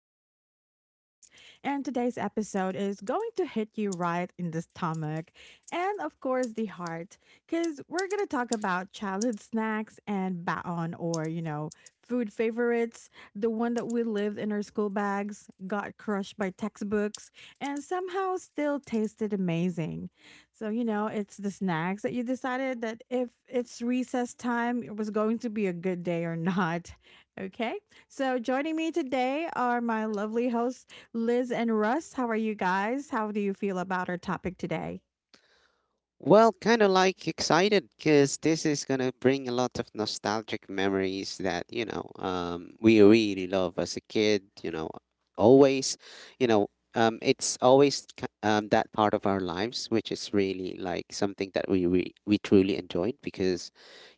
back to the podcast. And today's episode is going to hit you right in the stomach and, of course, the heart, because we're going to talk about childhood snacks and baon or, food favorites, the one that we lived in our school bags, got crushed by textbooks, and somehow still tasted amazing. So, it's the snacks that you decided that if it's recess time, it was going to be a good day or not. Okay, so, joining me today are my lovely hosts, Liz and Russ. How are you guys? How do you feel about our topic today? Well, kind of like excited because this is gonna bring a lot of nostalgic memories that we really love as a kid. Always. It's always that part of our lives which is really like something that we truly enjoyed because,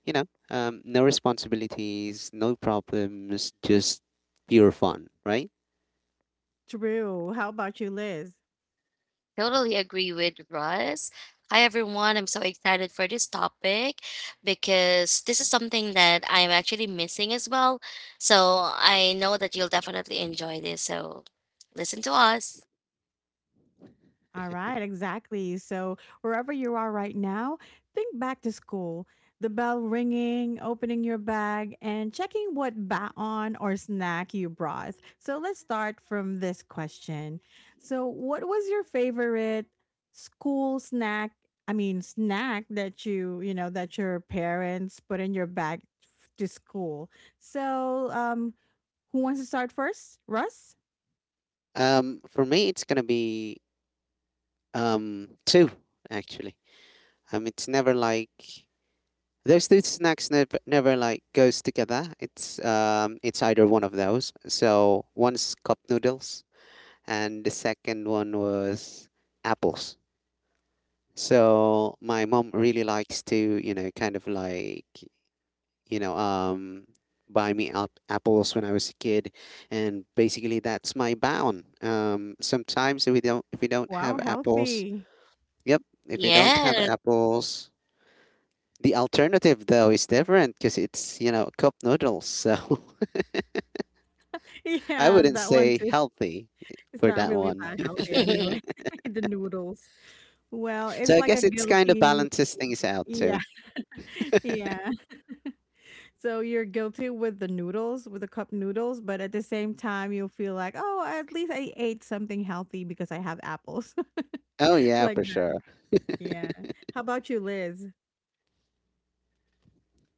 you know, no responsibilities, no problems, just pure fun, right? Drew, how about you, Liz? Totally agree with Russ. Hi, everyone. I'm so excited for this topic because this is something that I'm actually missing as well. So I know that you'll definitely enjoy this. So listen to us. All right, exactly. So, wherever you are right now, think back to school. The bell ringing, opening your bag, and checking what baon or snack you brought. So, let's start from this question. So, what was your favorite school snack? I mean, snack that you that your parents put in your bag to school. So, who wants to start first? Russ? For me, it's gonna be two actually. It's never like. Those two snacks never like goes together. It's either one of those. So one's cup noodles, and the second one was apples. So my mom really likes to, kind of like, you know, um, buy me up apples when I was a kid, and basically that's my bound. Sometimes if we don't Wow, have apples. healthy. Yep, if we don't have Yes. apples. The alternative though is different because it's, cup noodles. So I Yeah, wouldn't that one. say healthy It's for not that really one. that healthy anyway, the noodles. Well, So it's I like a guess it's kind of guilty, balances things out yeah, too. yeah. So you're guilty with the noodles, with the cup noodles, but at the same time, you'll feel like, "Oh, at least I ate something healthy because I have apples." Oh yeah, Like for that. sure. Yeah. How about you, Liz?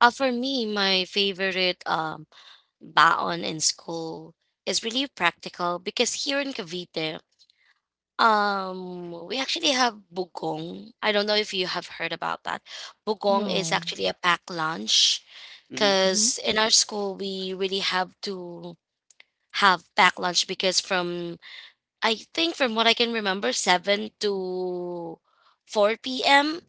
For me, my favorite baon in school is really practical because here in Cavite, we actually have bugong. I don't know if you have heard about that. Bugong is No. actually a packed lunch Hmm. Mhm. because in our school we really have to have packed lunch because from, I think, from what I can remember, 7 to 4 p.m.,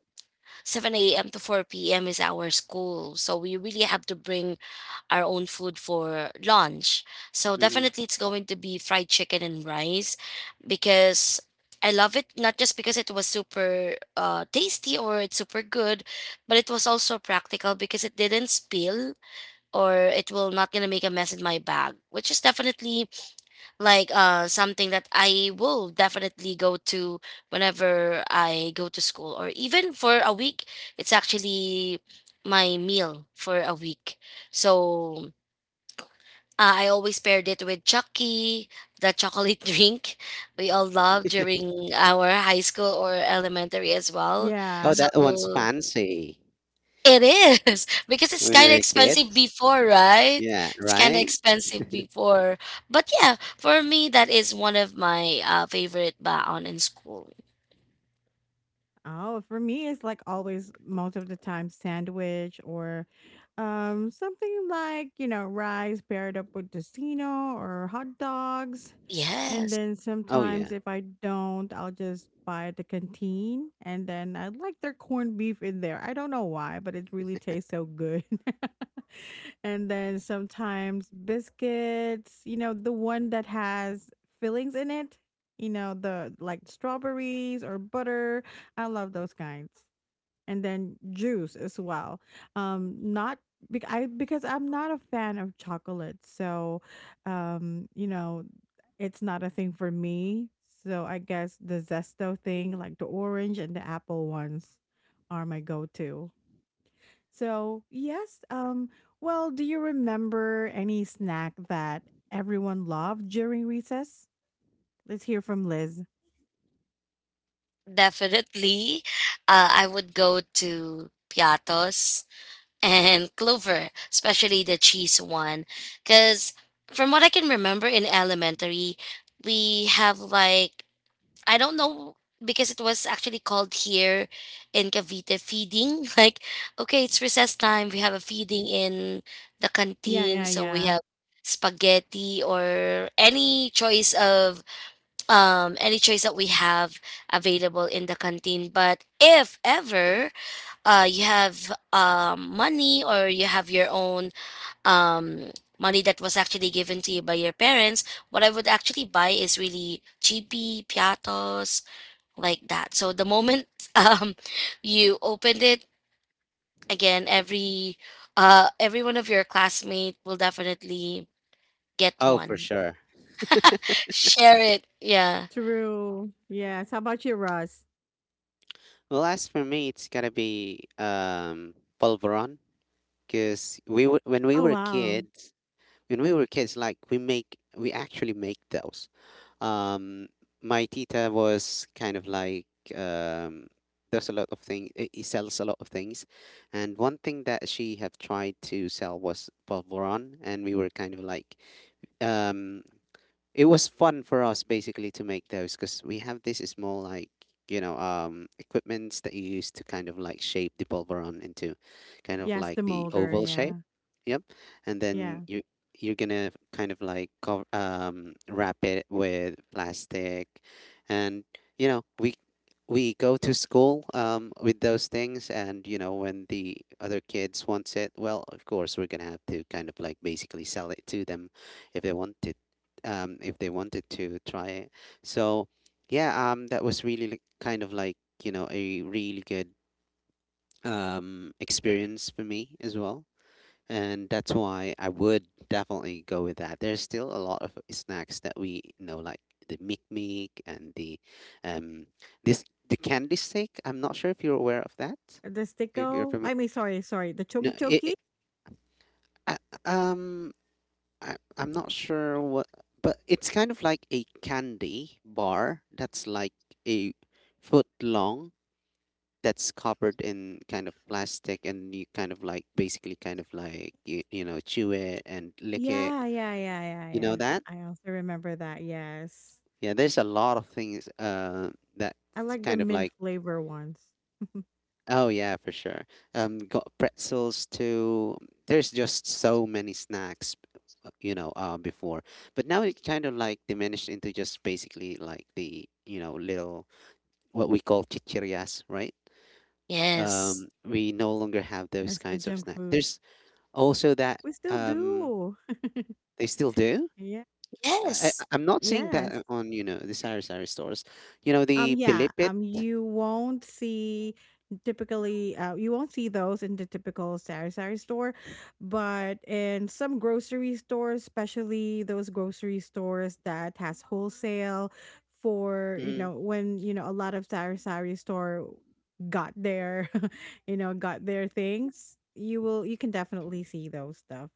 7 a.m. to 4 p.m. is our school, so we really have to bring our own food for lunch. So Hmm. definitely it's going to be fried chicken and rice because I love it, not just because it was super tasty or it's super good, but it was also practical because it didn't spill or it will not gonna make a mess in my bag, which is definitely like something that I will definitely go to whenever I go to school, or even for a week. It's actually my meal for a week. So I always paired it with chucky, the chocolate drink we all love during our high school or elementary as well. Yeah. Oh, that one's So fancy. it is because it's When we kind of were expensive kids. before, right? Yeah, It's kind of right? expensive before. But yeah, for me, that is one of my favorite baon in school. Oh, for me, it's like always, most of the time, sandwich or something like, rice paired up with tocino or hot dogs. And Yes, then Oh sometimes, yeah. if I don't, I'll just buy at the canteen. And then I like their corned beef in there. I don't know why, but it really tastes so good. And then sometimes biscuits, you know, the one that has fillings in it, you know, the like strawberries or butter. I love those kinds. And then juice as well. Not bec- I Because I'm not a fan of chocolate, so you know, it's not a thing for me. So I guess the zesto thing, like the orange and the apple ones, are my go-to. So yes, well, do you remember any snack that everyone loved during recess? Let's hear from Liz. definitely. I would go to Piatos and Clover, especially the cheese one. Because from what I can remember in elementary, we have like, I don't know, because it was actually called here in Cavite feeding. Like, okay, it's recess time. We have a feeding in the Yeah, canteen, yeah, so we yeah. have spaghetti or any choice that we have available in the canteen. But if ever you have money, or you have your own um money that was actually given to you by your parents, what I would actually buy is really cheapy piatos like that. So the moment um you opened it again, every one of your classmate will definitely get Oh, for one. sure. Share it. Yeah. True. Yes. How about you, Russ? Well, as for me, it's gotta be polvoron because we were when we Oh, were wow. kids, like we actually make those. Um, my tita was kind of like, um, does a lot of things. He sells a lot of things, and one thing that she have tried to sell was polvoron, and we were kind of like, um, it was fun for us basically to make those because we have this small like equipments that you use to kind of like shape the polvoron into kind of Yes, the like the molder. oval shape. Yeah. Yep. And then Yeah. You're gonna kind of like cover, wrap it with plastic, and you know we go to school, with those things, and you know when the other kids wants it, well, of course we're gonna have to kind of like basically sell it to them if they want it, if they wanted to try it. So yeah, that was really kind of like you know a really good experience for me as well, and that's why I would definitely go with that. There's still a lot of snacks that we know, like the Mick Mick and the um this the candy stick. I'm not sure if you're aware of that. The If you're sticko. familiar, I mean, sorry, sorry. The no, choki it, choki. it I, um I'm not sure what, but it's kind of like a candy bar that's like a foot long. That's covered in kind of plastic, and you kind of like basically kind of like you know chew it and lick it. Yeah, yeah, yeah, yeah, You yeah. know that? I also remember that. Yes. Yeah, there's a lot of things, I that's like the kind of mint like. flavor ones. Oh yeah, for sure. Got pretzels too. There's just so many snacks, before. But now it kind of like diminished into just basically like the, little what we call chichirias, right? Yes. We no longer have those Yes, the kinds of junk snacks. foods. There's also that, We still um, do. they still do. Yeah. Yes. I'm not seeing that Yes. on, you know, the sari sari stores. You know, the Yeah. pilipit. You won't see typically. You won't see those in the typical sari sari store, but in some grocery stores, especially those grocery stores that has wholesale for, you Mm. know, when, you know, a lot of sari sari store got their you know got their things. You will. You can definitely see those stuff.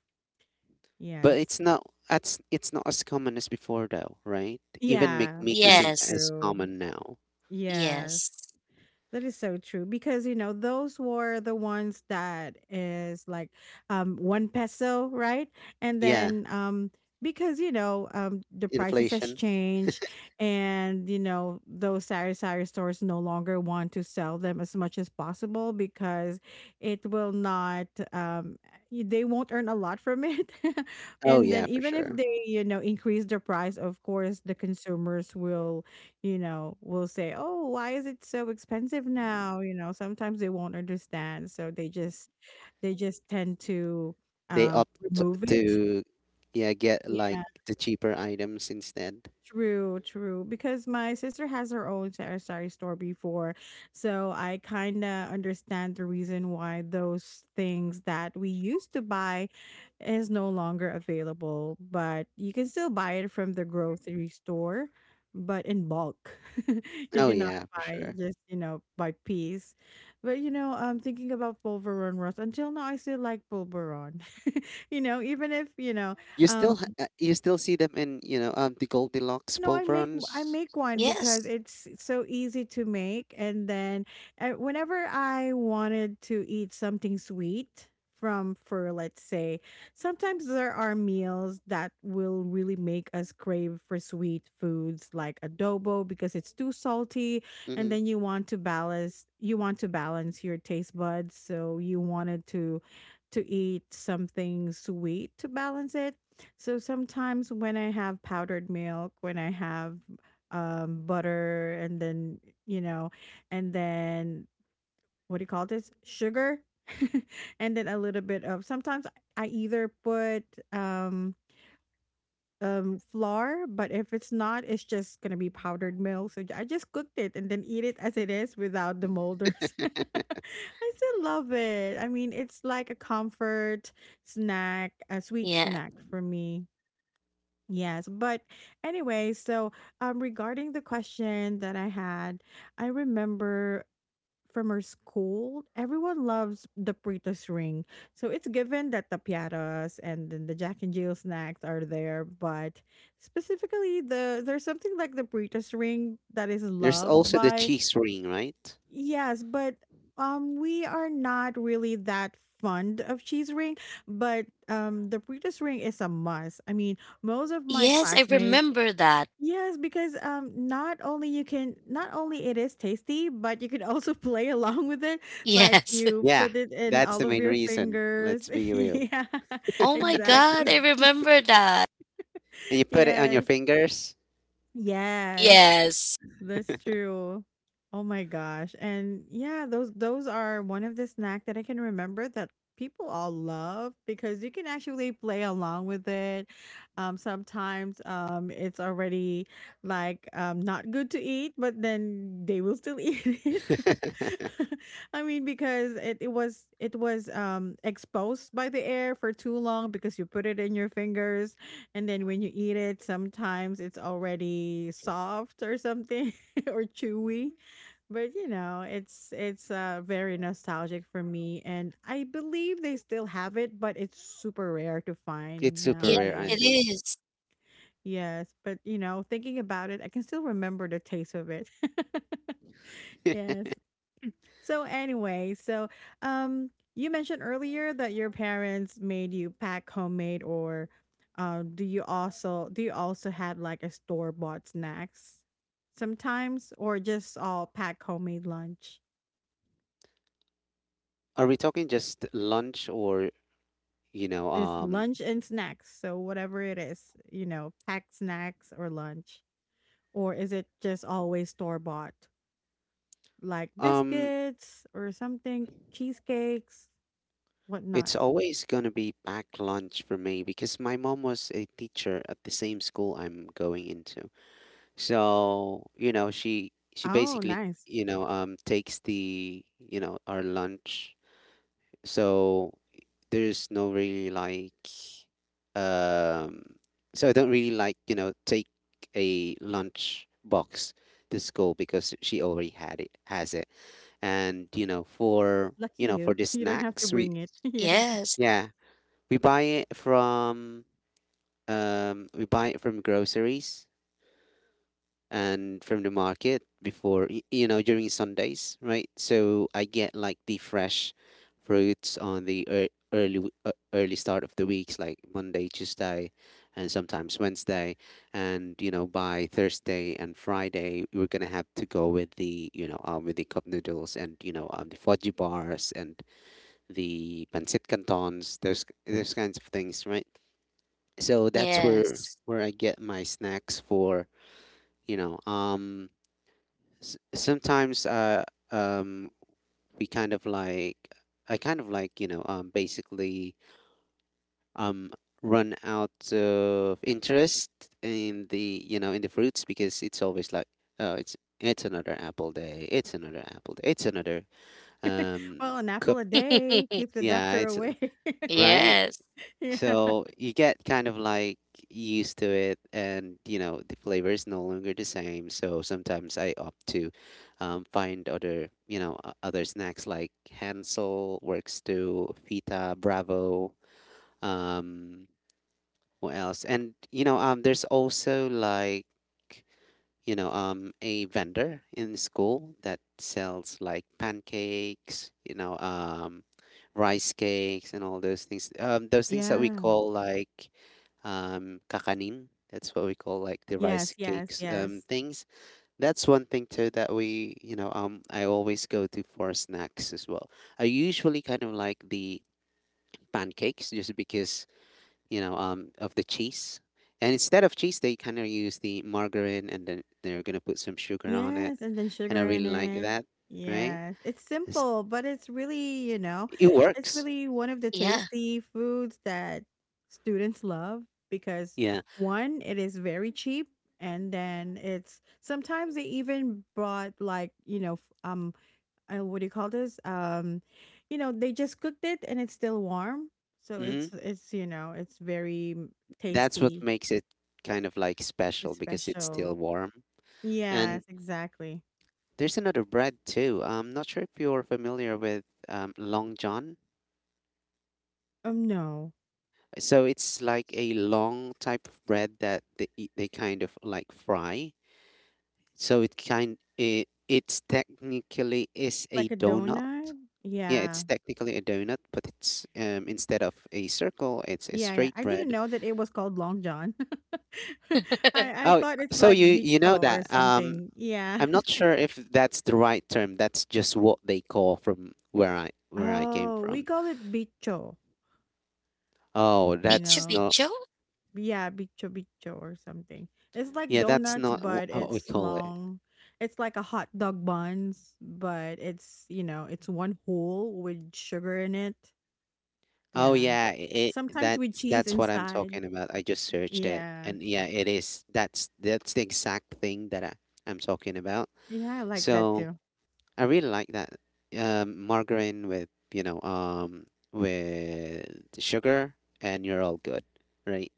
But Yes. It's not as common as before though, right? Even Yeah. McMeek That's isn't Yes. as true. common now. Yes. Yes, that is so true because you know those were the ones that is like one peso, right? And Yeah, then because you know the prices has inflation. changed and you know those sari sari stores no longer want to sell them as much as possible because it will not they won't earn a lot from it Oh and yeah, then for even if sure. they you know increase the price of course the consumers will, you know, will say, "Oh, why is it so expensive now?" You know, sometimes they won't understand, so they just tend to They opt remove it. to, yeah, get like Yeah, the cheaper items instead. True. Because my sister has her own sari sari store before, so I kind of understand the reason why those things that we used to buy is no longer available, but you can still buy it from the grocery store, but in bulk. You Oh cannot yeah, for buy sure. just, you know, by piece. But you know, I'm thinking about Pulveron, Ross. Until now I still like Pulveron. You know, even if, you know, You still see them in, you know, the Goldilocks no, I pulverons. make one because Yes. it's so easy to make, and then whenever I wanted to eat something sweet from, for let's say, sometimes there are meals that will really make us crave for sweet foods like adobo because it's too salty, and Hmm. then you want to balance your taste buds, so you wanted to eat something sweet to balance it, so sometimes when I have powdered milk, when I have butter, and then, you know, and then what do you call this? Sugar. And then a little bit of sometimes I either put um, flour, but if it's not, it's just going to be powdered milk. So I just cooked it and then eat it as it is without the molders. I still love it. I mean, it's like a comfort snack, a sweet Yeah. snack for me. Yes, but anyway, so regarding the question that I had, I remember from our school, everyone loves the Pritos ring. So it's given that the piatas and then the Jack and Jill snacks are there, but specifically the there's something like the Pritos ring that is There's loved also the by, cheese ring, right? yes, but we are not really that fond of cheese ring, but the Pritos ring is a must. I mean, most of my Yes, I classmates. remember that. Yes, because not only it is tasty, but you can also play along with it. Like Yes. you Yeah, put it in that's all the of main your reason. Let's fingers. be real. Yeah. Oh my god, I Exactly. remember that. And you put it on your Yes. fingers. Yes. Yes. That's true. Oh my gosh. And yeah, those are one of the snack that I can remember that people all love because you can actually play along with it. Sometimes it's already like not good to eat, but then they will still eat it. I mean because it was exposed by the air for too long because you put it in your fingers and then when you eat it, sometimes it's already soft or something, or chewy. But you know, it's very nostalgic for me, and I believe they still have it, but it's super rare to It's find super Yes, rare, I it nowadays. think. is. Yes, but you know, thinking about it, I can still remember the taste of it. Yes. So anyway, so um, you mentioned earlier that your parents made you pack homemade, or do you also had like a store bought snacks sometimes, or just all pack homemade lunch? Are we talking just lunch, or, you know, It's um, lunch and snacks, so whatever it is, you know, packed snacks or lunch, or is it just always store bought, like um, biscuits or something, cheesecakes, whatnot? it's always gonna be packed lunch for me because my mom was a teacher at the same school I'm going into. So, you know, she Oh, basically, nice. Takes the, our lunch. So there's no really like, um so I don't really like, you know, take a lunch box to school because she already had it has it. And, Lucky you know, for you. the You don't have to snacks we, bring it. Yeah. Yes. yeah. We buy it from we buy it from groceries and from the market before, you know, during Sundays, right? So I get like the fresh fruits on the early, early start of the weeks, like Monday, Tuesday, and sometimes Wednesday. And you know, by Thursday and Friday, we're gonna have to go with the with the cup noodles, and the fudgy bars and the pancit cantons, those kinds of things, right? So that's Yes. where I get my snacks for, you know. Sometimes, um we kind of like I kind of like, you know, basically, um run out of interest in the, in the fruits because it's always like, oh, it's another apple day, it's another apple day, it's another, um Well, an apple cup. a day keep the Yeah, doctor it's away. right. Yes. Yeah. So you get kind of like used to it, and you know the flavor is no longer the same. So sometimes I opt to, find other, you know, other snacks like Hansel works too, Fita, Bravo. Um, what else? And you know, there's also like, a vendor in school that sells like pancakes, you know, rice cakes and all those things. Those things that we Yeah. call like, kakanin. That's what we call like the rice Yes, yes, cakes, yes. things. That's one thing too that I always go to for snacks as well. I usually kind of like the pancakes just because you know, of the cheese. And instead of cheese, they kind of use the margarine, and then they're gonna put some sugar on it. Yes, and then And I sugar in really like it. that, right? Yes. It's It's- simple, but it's really, you know, it it's works. really one of the Yeah. tasty foods that students love because Yeah. one, it is very cheap and then it's sometimes they even brought like, you know, what do you call this? You know, they just cooked it and it's still warm, so Hmm. it's you know That's what tasty, makes it kind of like special it's because it's still special. warm. And Yes, exactly. there's another bread too. I'm not sure if you're familiar with, Long John. No, So it's like a long type of bread that they kind of like fry. It's technically is a like a donut. donut. Yeah, it's Yeah, technically a donut, but it's instead of a circle, it's a yeah, yeah. straight I didn't bread. know that it was called Long John. I Oh, thought it's so like you know bicho or that. Something. Yeah. I'm not sure if that's the right term. That's just what they call from where I came Oh, we from. call it bicho. Oh, You Bicho that's know. not. bicho. Yeah, bicho bicho or something. It's like Yeah, that's donuts, not but how we it's call it. long. It's like a hot dog buns, but it's you know it's one hole with sugar in it. Oh Yeah, yeah, it sometimes with that's cheese that's what I'm inside. talking about. I just searched it. Yeah, And yeah, it is. That's the exact thing that I'm talking about. yeah, I like that So too. I really like that, margarine with with sugar, and you're all good, right?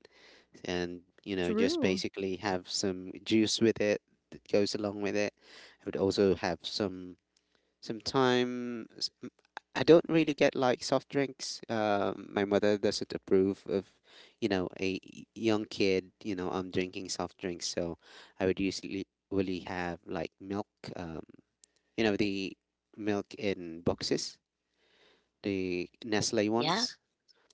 And you know just True. basically have some juice with it that goes along with it. I would also have some time. I don't really get like soft drinks. My mother doesn't approve of you know a young kid drinking soft drinks, so I would usually really have like milk. Um, you know the milk in boxes, the Nestle Yeah, ones.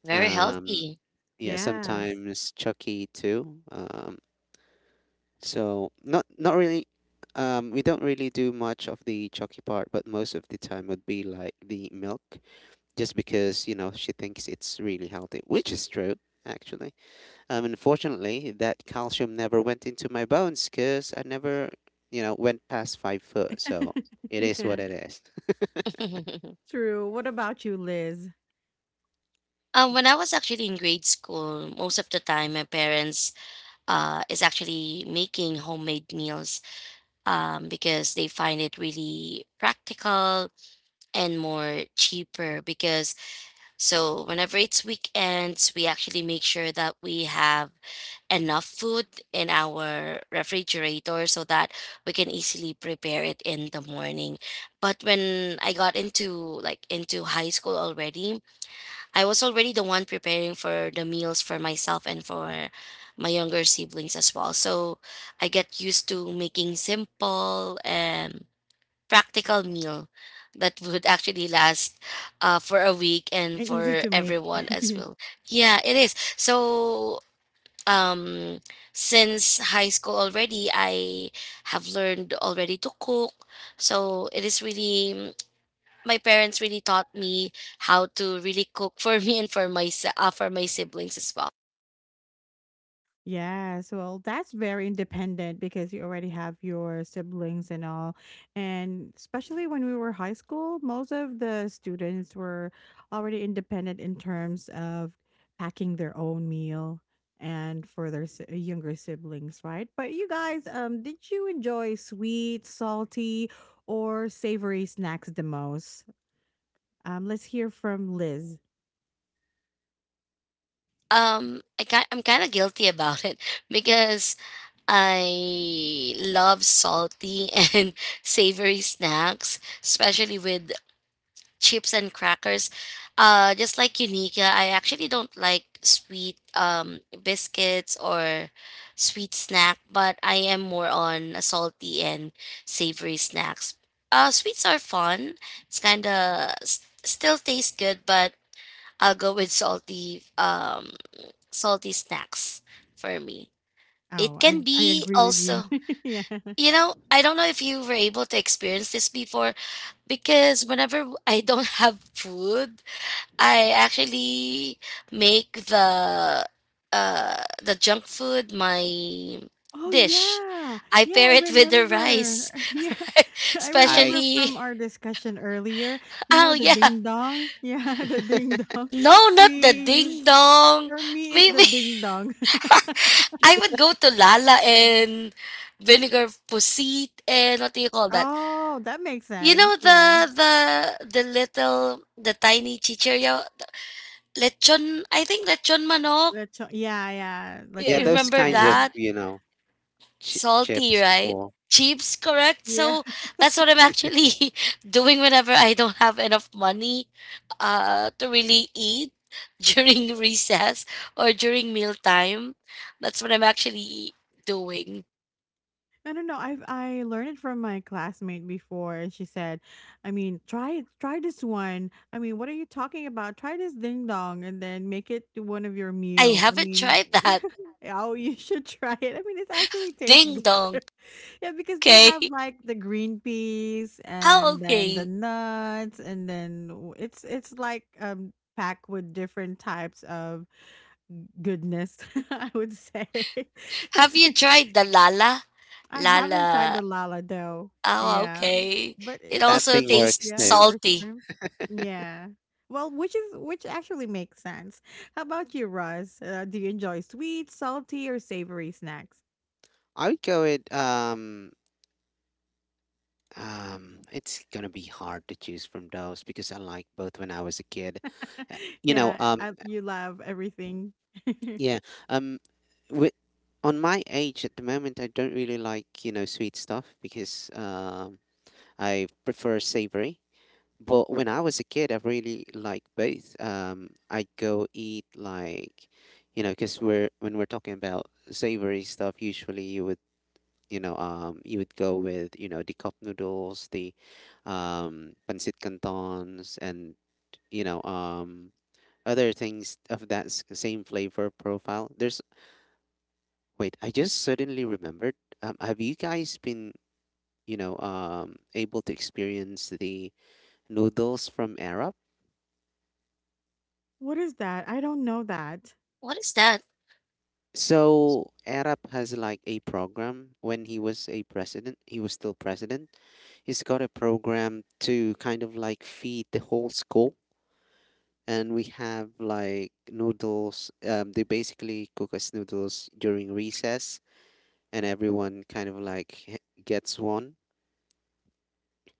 very Um, healthy. yeah, Yes. sometimes Chucky too. So not really. We don't really do much of the Chucky part, but most of the time would be like the milk, just because you know she thinks it's really healthy, which is true actually. Unfortunately, that calcium never went into my bones because I never, you know, went past 5 foot. So it is what Yeah. it is. True. What about you, Liz? When I was actually in grade school, most of the time my parents is actually making homemade meals because they find it really practical and more cheaper. Because so whenever it's weekends, we actually make sure that we have enough food in our refrigerator so that we can easily prepare it in the morning. But when I got into, like, into high school already, I was already the one preparing for the meals for myself and for my younger siblings as well. So I get used to making simple and practical meal that would actually last for a week and And easy for to make. everyone as well. Yeah, it is. So um since high school already I have learned already to cook. So it is really my parents really taught me how to really cook for me and for my siblings as well. Yes, well, that's very independent because you already have your siblings and all. And especially when we were high school, most of the students were already independent in terms of packing their own meal and for their younger siblings, right? But you guys, did you enjoy sweet, salty, or savory snacks the most? Let's hear from Liz. I'm kind of guilty about it because I love salty and savory snacks, especially with chips and crackers. Just like Unica, I actually don't like sweet biscuits or sweet snack, but I am more on a salty and savory snacks. Sweets are fun. It's kind of still tastes good, but I'll go with salty snacks for me. Oh, It can I be agree with you. also, Yeah. I don't know if you were able to experience this before, because whenever I don't have food, I actually make the junk food my Oh, dish. yeah. I Yeah, pair I it with the remember. rice. Yeah. I I. remember Especially. from our discussion earlier, you know, Oh the yeah. ding dong. Yeah, the ding dong. No, We not the used, ding dong. for me, it's the Maybe ding dong. I would go to Lala Yeah. and vinegar pusit, and what do you call that? Oh, that makes You sense. know, Yeah. The the tiny chichiryo lechon, I think lechon manok. Lechon. Yeah, yeah. Yeah, Yeah, you Lechon those remember kinds of, chicken. that? you know, ch Salty, chips right? before. Chips, correct? Yeah. So that's what I'm actually doing whenever I don't have enough money to really eat during recess or during mealtime. That's what I'm actually doing. I don't know. I've I learned it from my classmate before, and she said, "I mean, try this one. I mean, what are you talking about? Try this ding dong, and then make it to one of your I meal. I haven't mean, tried that. oh, you should try it. I mean, it actually tastes Ding dong. good. Yeah, because they Okay. have like the green peas, Oh, and then the okay. nuts, and then it's like packed with different types of goodness. I would say. Have you tried the lala? I haven't tried Lala. the lala though. Oh, Yeah. okay. But It it's a That also thing fish, tastes works yeah, too. or salty. shrimp. Yeah. Well, which actually makes sense. How about you, Russ? Do you enjoy sweet, salty, or savory snacks? I would go with, it's gonna be hard to choose from those because I like both when I was a kid. You know, Yeah, you love everything. yeah, um with on my age at the moment I don't really like, you know, sweet stuff because I prefer savory. But when I was a kid, I really liked both. I go eat like, you know, because we're when we're talking about savory stuff, usually you would go with, you know, the cup noodles, the, pancit cantons, and you know, other things of that same flavor profile. There's Wait, I just suddenly remembered. Have you guys been, you know, able to experience the noodles from Arab? What is that? I don't know that. What is that? So Arab has like a program when he was a president, he was still president. He's got a program to kind of like feed the whole school. And we have like noodles. They basically cook us noodles during recess, and everyone kind of like gets one.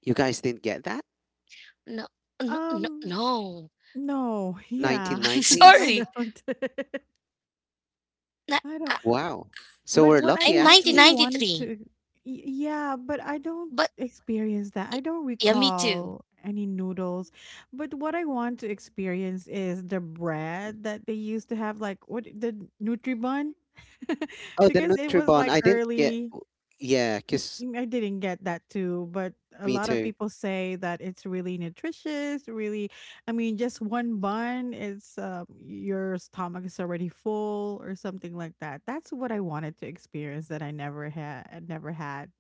You guys didn't get that? No, no, no, Um, no. no. Yeah, I 1990s? Sorry. don't. Na I ah, Wow. So But we're what I lucky I'm actually. actually wanted 1993, to, yeah, but I don't but experience that. I don't yeah, me too. recall any noodles. But what I want to experience is the bread that they used to have, like what the Nutribun, Oh, the because it was Nutribon. like I didn't get. early. Yeah, 'cause I didn't get that too, but a me lot of too. people say that it's really nutritious. Really, I mean, just one bun, it's your stomach is already full or something like that. That's what I wanted to experience that I never had. Never had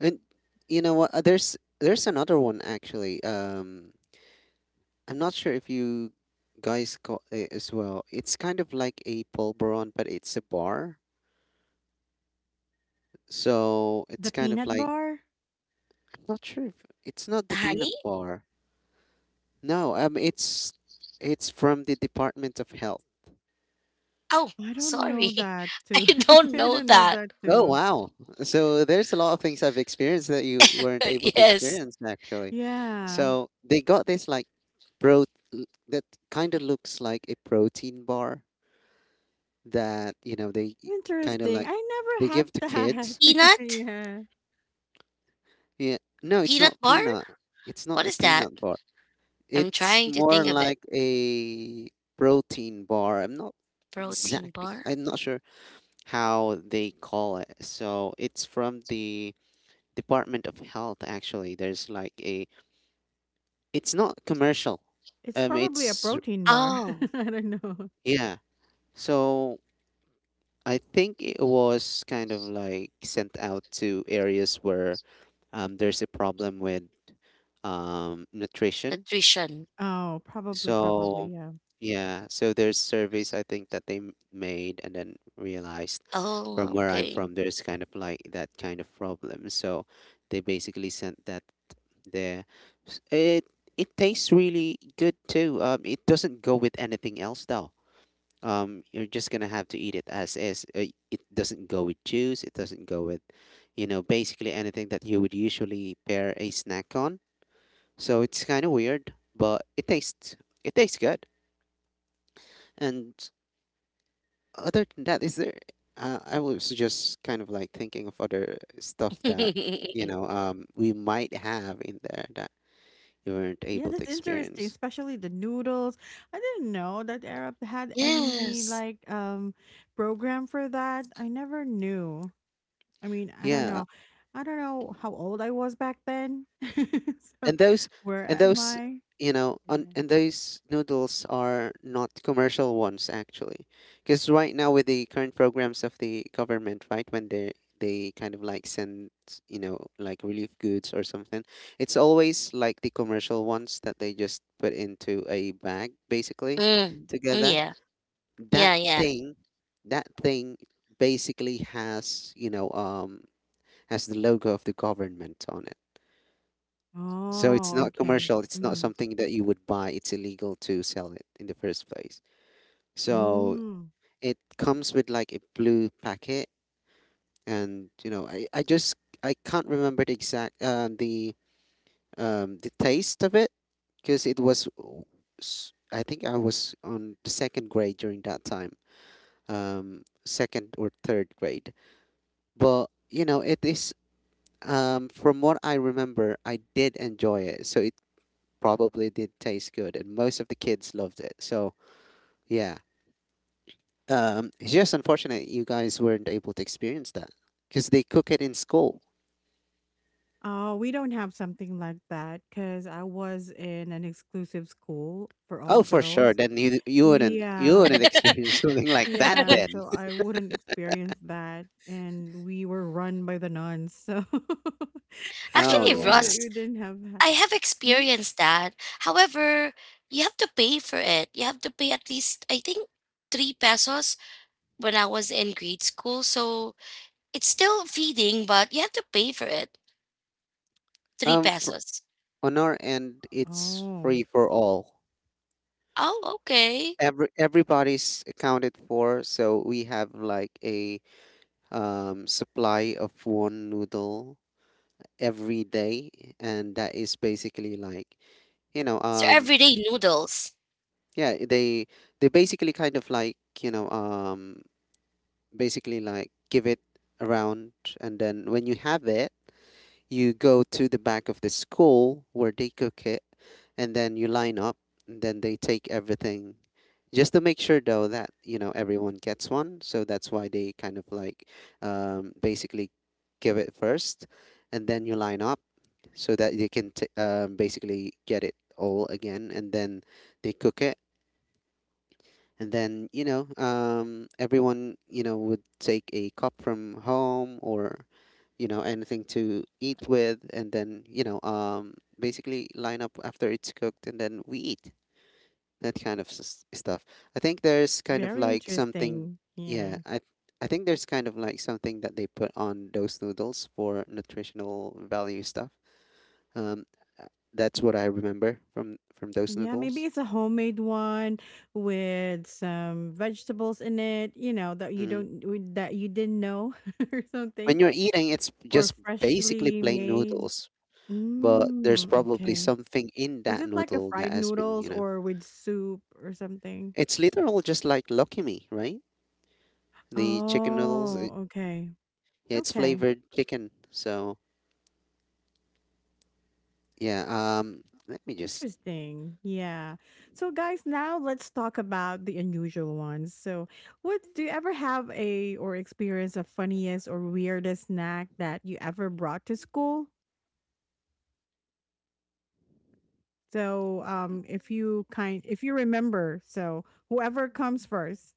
And you know what? There's another one actually. I'm not sure if you guys got it as well. It's kind of like a pulveron, but it's a bar. So the it's kind of peanut like bar. I'm not sure if it's not the peanut Honey? bar. No, it's from the Department of Health. Oh, I don't know sorry. that too. I don't I know don't know that. that Oh too. wow! So there's a lot of things I've experienced that you weren't able to Yes. experience actually. Yeah, So they got this like pro that kind of looks like a protein bar that you know they kind of interesting. like I never they had give to that. kids. Peanut? Yeah, Yeah, no, it's Peanut not bar? peanut. It's not What a is that? peanut bar. I'm It's trying to more think of it. like a protein bar. I'm not Protein exactly. bar? I'm not sure how they call it. So it's from the Department of Health. Actually, there's like a. It's not commercial. it's probably a It's protein bar. Oh, I don't know. yeah. So I think it was kind of like sent out to areas where there's a problem with nutrition. nutrition. Oh, probably, So probably, yeah. yeah, so there's surveys I think that they made and then realized from Oh, where I'm okay. from, there's kind of like that kind of problem. So they basically sent that there. It it tastes really good too. It doesn't go with anything else though. You're just gonna have to eat it as is. It doesn't go with juice. It doesn't go with, you know, basically anything that you would usually pair a snack on so it's kind of weird, but it tastes good. And other than that, is there? I was just kind of like thinking of other stuff that you know we might have in there that you weren't Yeah, able to that's interesting, experience. especially the noodles. I didn't know that Arab had any Yes. like program for that. I never knew. I mean, I don't Yeah, know. I don't know how old I was back then. So and those where and am those I? you know on, Yeah. and those noodles are not commercial ones actually because right now with the current programs of the government right when they kind of like send you know like relief goods or something it's always like the commercial ones that they just put into a bag basically Mm. Mm, together yeah. that Yeah, yeah. thing that thing basically has you know has the logo of the government on it, so it's Oh, not okay. commercial. It's not Hmm. something that you would buy. It's illegal to sell it in the first place. So Mm. it comes with like a blue packet, and you know, I just I can't remember the exact the taste of it because it was I think I was on the second grade during that time, second or third grade. But you know, it is from what I remember, I did enjoy it. So it probably did taste good, and most of the kids loved it. So yeah, it's just unfortunate you guys weren't able to experience that because they cook it in school. Oh, we don't have something like that because I was in an exclusive school for all Oh, for sure. girls. Then you you wouldn't you Yeah. wouldn't experience something like that Yeah, then. so I wouldn't experience that, and we were run by the nuns, so Oh Actually, so yeah. Ross, we didn't have that. I have Hmm? experienced that. However, you have to pay for it. You have to pay at least, I think, 3 pesos when I was in grade school. So it's still feeding, but you have to pay for it. Three Um, for, pesos. on our end, it's Oh, free for all. Oh, okay. Everybody's accounted for, so we have like a supply of one noodle every day, and that is basically like you know So everyday noodles. yeah they basically kind of like you know basically like give it around, and then when you have it you go to the back of the school where they cook it, and then you line up, and then they take everything just to make sure though that you know everyone gets one. So that's why they kind of like basically give it first and then you line up so that you can basically get it all again, and then they cook it and then, you know, everyone, you know, would take a cup from home or, you know, anything to eat with. And then, you know, basically line up after it's cooked, and then we eat that kind of stuff. I think there's kind of very like something, interesting. yeah, Yeah, I think there's kind of like something that they put on those noodles for nutritional value stuff. Um, uh, that's what I remember from those yeah, maybe noodles. it's a homemade one with some vegetables in it, that you Mm. don't we- that you didn't know or something, When you're eating, it's or just basically freshly plain made. noodles, but there's Mm, probably okay, something in is that it like a noodle that fried has been, you noodles know, or with soup or something? it's literal just like Lucky Me, right? The chicken noodles, it, Oh, okay. yeah, it's Okay. flavored chicken. So yeah, let me just, Interesting. Yeah. So guys, now let's talk about the unusual ones. So, what do you ever have a or experience a funniest or weirdest snack that you ever brought to school? So, if you remember, so whoever comes first.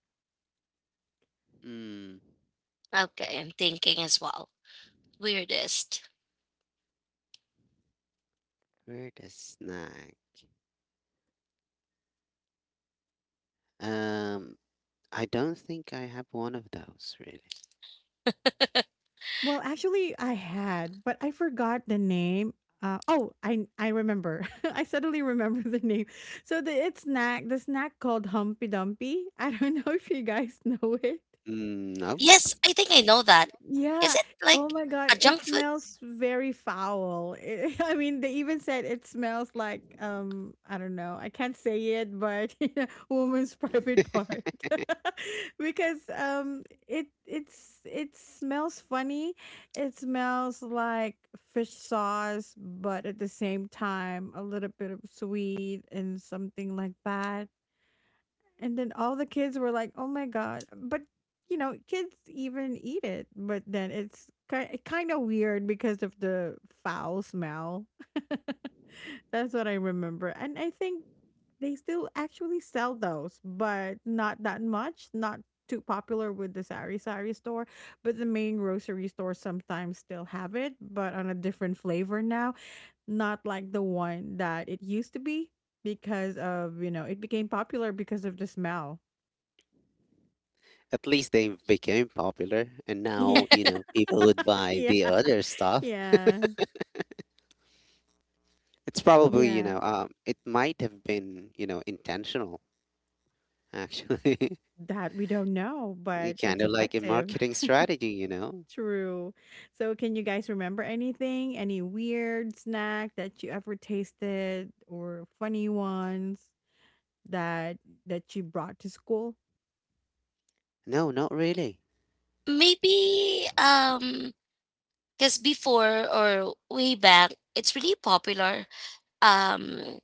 mm, Okay, I'm thinking as well. Weirdest. where the snack? Um, I don't think I have one of those really. Well, actually, I had, but I forgot the name. Oh, I remember. I suddenly remember the name. So the snack called Humpy Dumpy. I don't know if you guys know it. Mm, no. Yes, I think I know that. Is Yeah. it Oh like my God. a It junk food? smells very foul. It, I mean, they even said it smells like I don't know. I can't say it, but yeah, woman's private part. Because it smells funny. It smells like fish sauce, but at the same time a little bit of sweet and something like that. And then all the kids were like, "Oh my god!" But kids even eat it. But then it's kind of weird because of the foul smell. That's what I remember, and I think they still actually sell those, but not that much. Not too popular with the sari sari store, but the main grocery store sometimes still have it, but on a different flavor now. Not like the one that it used to be because of it became popular because of the smell. At least they became popular, and now, Yeah, you know, people would buy yeah, the other stuff. yeah. It's probably, you know, Yes, it might have been, you know, intentional, actually. that we don't know, but Kind it's of like a effective. marketing strategy, you know? True. So, can you guys remember anything? Any weird snack that you ever tasted or funny ones that you brought to school? No, not really. Maybe, because before or way back, it's really popular. um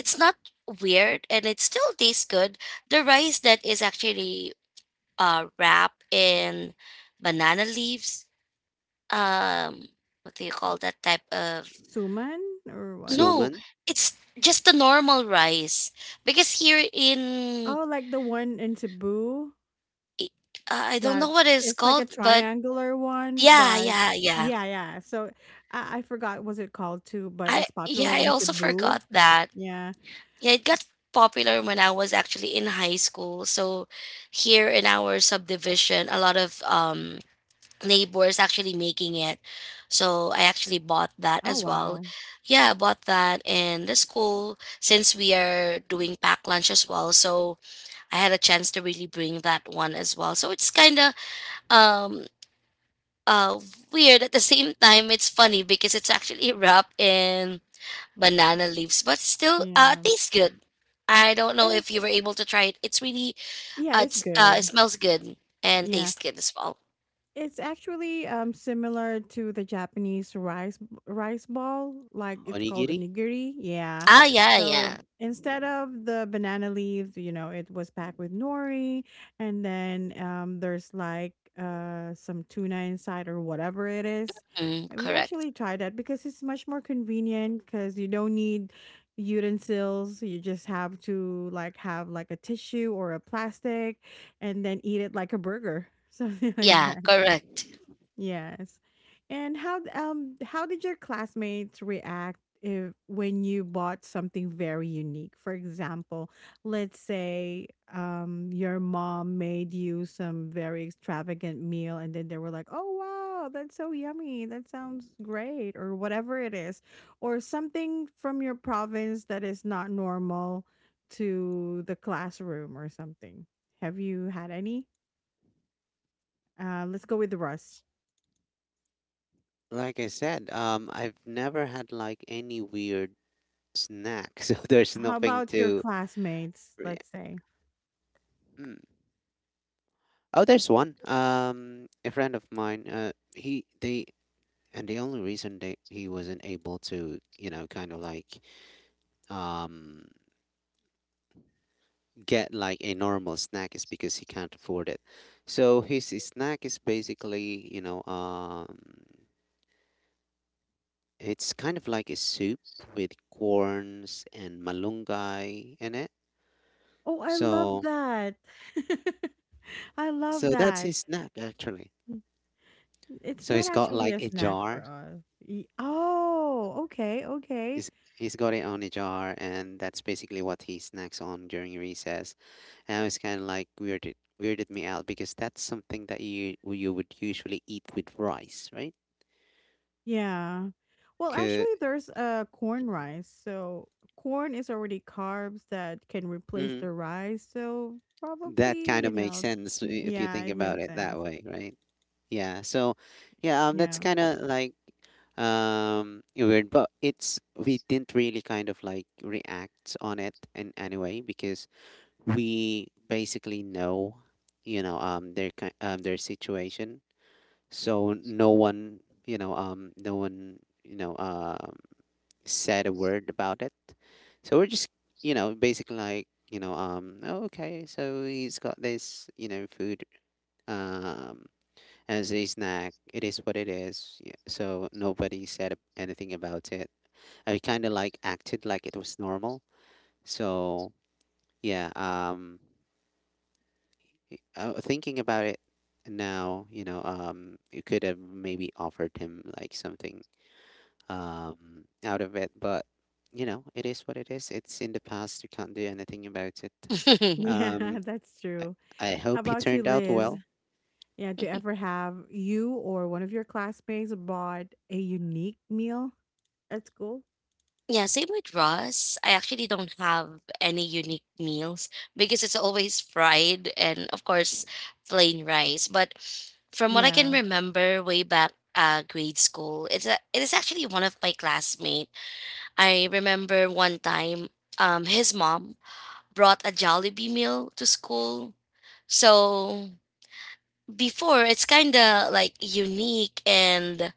it's not weird and it still tastes good. The rice that is actually wrapped in banana leaves, um, what do you call that type of? Suman or what? No, Suman, it's just the normal rice because Oh, like the one in Cebu I- I don't know that what it's it's like a called, but triangular one, yeah, but yeah, yeah. yeah, yeah. So I forgot was it called too, but I it's Yeah, popular I in also Cebu. forgot that. Yeah. Yeah, it got popular when I was actually in high school. So here in our subdivision, a lot of neighbors actually making it. So I actually bought that Oh as well. wow. Yeah, I bought that, and that's cool since we are doing pack lunch as well. So I had a chance to really bring that one as well. So it's kinda um uh weird, at the same time it's funny because it's actually wrapped in banana leaves, but still Yeah. tastes good. I don't know if you It's were able to try it. Yeah, it's It good. smells good and Yeah. tastes good as well. It's actually similar to the Japanese rice ball, like it's called onigiri. onigiri. Yeah. Ah yeah, So yeah. instead of the banana leaves, it was packed with nori, and then there's like some tuna inside or whatever it is. Mm, We correct. actually tried that because it's much more convenient because you don't need utensils. You just have to like have like a tissue or a plastic, and then eat it like a burger, something like Yeah, that. correct. Yes. And how did your classmates react if when you bought something very unique? For example, let's say your mom made you some very extravagant meal and then they were like, "Oh wow, that's so yummy. That sounds great." or whatever it is, or something from your province that is not normal to the classroom or something. Have you had any? Let's go with Russ. Like I said, I've never had like any weird snack, so there's How nothing about your to. classmates, re- let's say? Mm. Oh, there's one. A friend of mine. He they and the only reason they he wasn't able to, you know, kind of like, um, get like a normal snack is because he can't afford it. So his snack is basically, you know, it's kind of like a soup with corns and malunggay in it. Oh, I love So that. I love so that's that. his snack actually. Mm, it's So not he's got actually like a a snack for jar. us. Oh, okay, okay. He's, he's got it on a jar, and that's basically what he snacks on during recess. And it's kind of like weirded me out because that's something that you would usually eat with rice, right? Yeah. Well, 'Cause- actually there's corn rice. So corn is already carbs that can replace the rice. So that probably, kind of makes sense if you yeah, think it about makes it that sense. way, right? Yeah. So, yeah, that's Yeah. kind of like weird, but it's we didn't really kind of like react on it in any way because we basically know, you know, their their situation. So no one, you know, no one, you know, said a word about it. So we're just, you know, basically like, you know, oh, okay, so he's got this, you know, food um, as a snack. It is what it is. Yeah, so nobody said anything about it. I kind of like acted like it was normal. So yeah, thinking about it now, you know, you could have maybe offered him like something out of it. But you know, it is what it is. It's in the past. You can't do anything about it. Yeah, Um, that's I, true. I How hope he about you, turned out Liz? well. Yeah, do ever have you or one of your classmates bought a unique meal at school? Yeah, same with Ross. I actually don't have any unique meals because it's always fried and, of course, plain rice. But from what I can Yeah. remember way back grade school, it is actually one of my classmates. I remember one time his mom brought a Jollibee meal to school. So before it's kind of like unique, and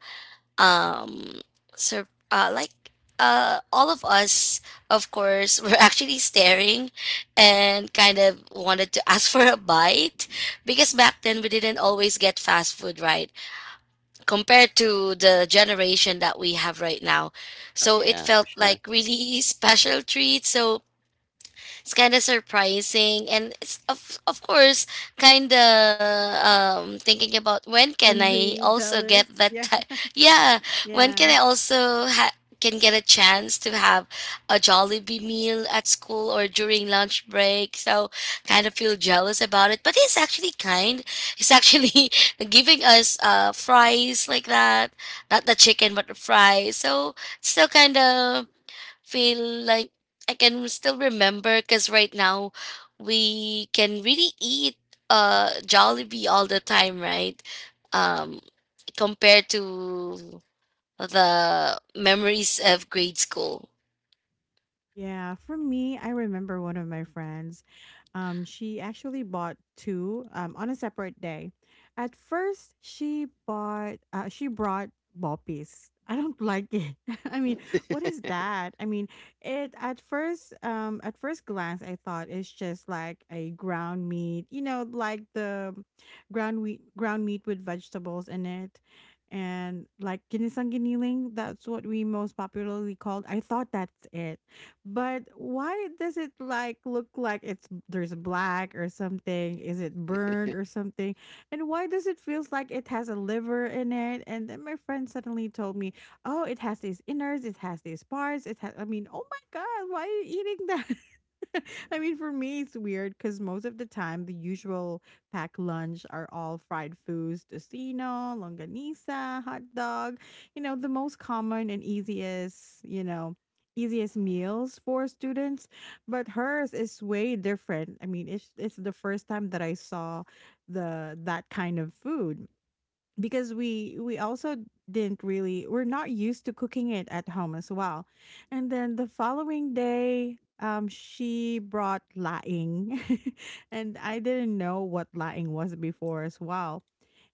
um so like all of us, of course, were actually staring and kind of wanted to ask for a bite because back then we didn't always get fast food, right, compared to the generation that we have right now. Oh So it yeah, for felt sure. like really special treat. So it's kind of surprising, and it's of course kind of thinking about when can I Envy, also get jealous. Yeah. Yeah, when can Yeah. I also can get a chance to have a Jollibee meal at school or during lunch break. So kind of feel jealous about it. But he's actually kind. He's actually giving us fries like that. Not the chicken, but the fries. So still kind of feel like I can still remember because right now we can really eat Jollibee all the time, right? Um, Mhm. Compared to the memories of grade school. Yeah, for me, I remember one of my friends. She actually bought two on a separate day. At first, she brought boppies. I don't like it. I mean, what is that? I mean, it at first glance I thought it's just like a ground meat, you know, like the ground meat with vegetables in it. And like ginisang giniling, that's what we most popularly called. I thought that's it but why does it like look like it's there's black or something? Is it burned or something? And why does it feels like it has a liver in it? And then my friend suddenly told me, "Oh, it has these innards, it has these parts, it has." I mean, oh my god, why are you eating that? I mean, for me, it's weird because most of the time, the usual packed lunch are all fried foods, tocino, longanisa, hot dog, the most common and easiest meals for students, but hers is way different. I mean, it's the first time that I saw the that kind of food because we also didn't really we're not used to cooking it at home as well. And then the following day, she brought laing and I didn't know what laing was before as well.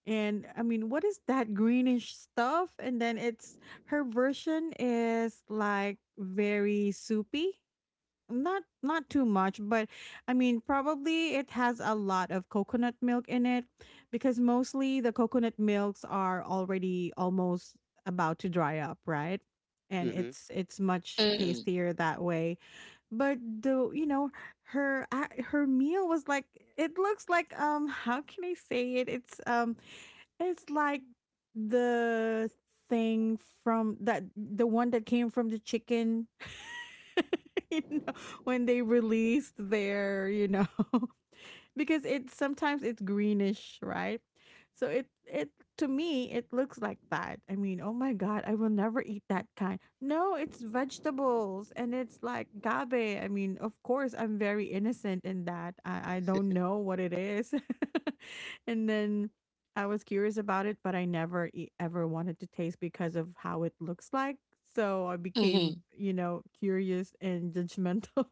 And I mean, what is that greenish stuff? And then it's her version is like very soupy. Not too much, but I mean, probably it has a lot of coconut milk in it because mostly the coconut milks are already almost about to dry up, right? And Hmm. it's much Mm. tastier that way. But the you know, her a- her meal was like it looks like how can I say it? It's like the thing from that the one that came from the chicken. you know, when they released their, because it's sometimes it's greenish, right? So it to me it looks like that. I mean, oh my god, I will never eat that kind. No, it's vegetables and it's like gabe. I mean, of course, I'm very innocent in that. I don't know what it is, and then I was curious about it, but I never ever wanted to taste because of how it looks like. So I became, Mm. Curious and judgmental.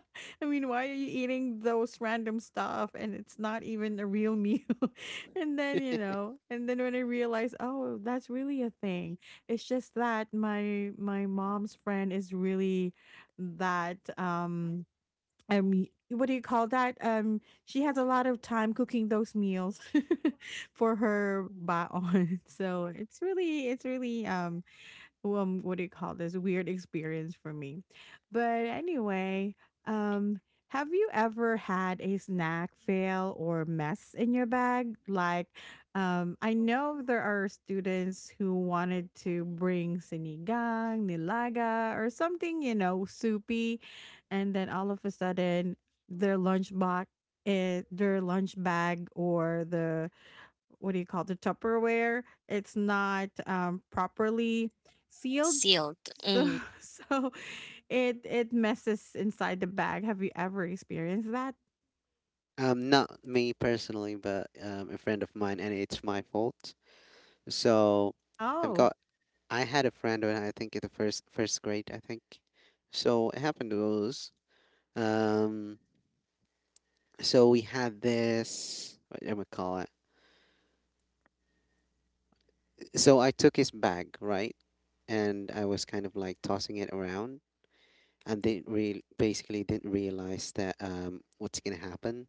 I mean, why are you eating those random stuff and it's not even a real meal? And then when I realized, oh, that's really a thing. It's just that my mom's friend is really that I mean what do you call that? She has a lot of time cooking those meals for her baon. So it's really what do you call this weird experience for me but anyway um have you ever had a snack fail or mess in your bag like I know there are students who wanted to bring sinigang nilaga or something soupy and then all of a sudden their their lunch bag or the what do you call the Tupperware? It's not properly sealed, Sealed. so Mm. so it messes inside the bag. Have you ever experienced that? Not me personally, but a friend of mine, and it's my fault. So I've Oh, got. I had a friend when I think in the first grade, I think. So it happened was, um, so we had this. What do I call it? So I took his bag, right? And I was kind of like tossing it around and didn't real basically didn't realize that what's gonna happen.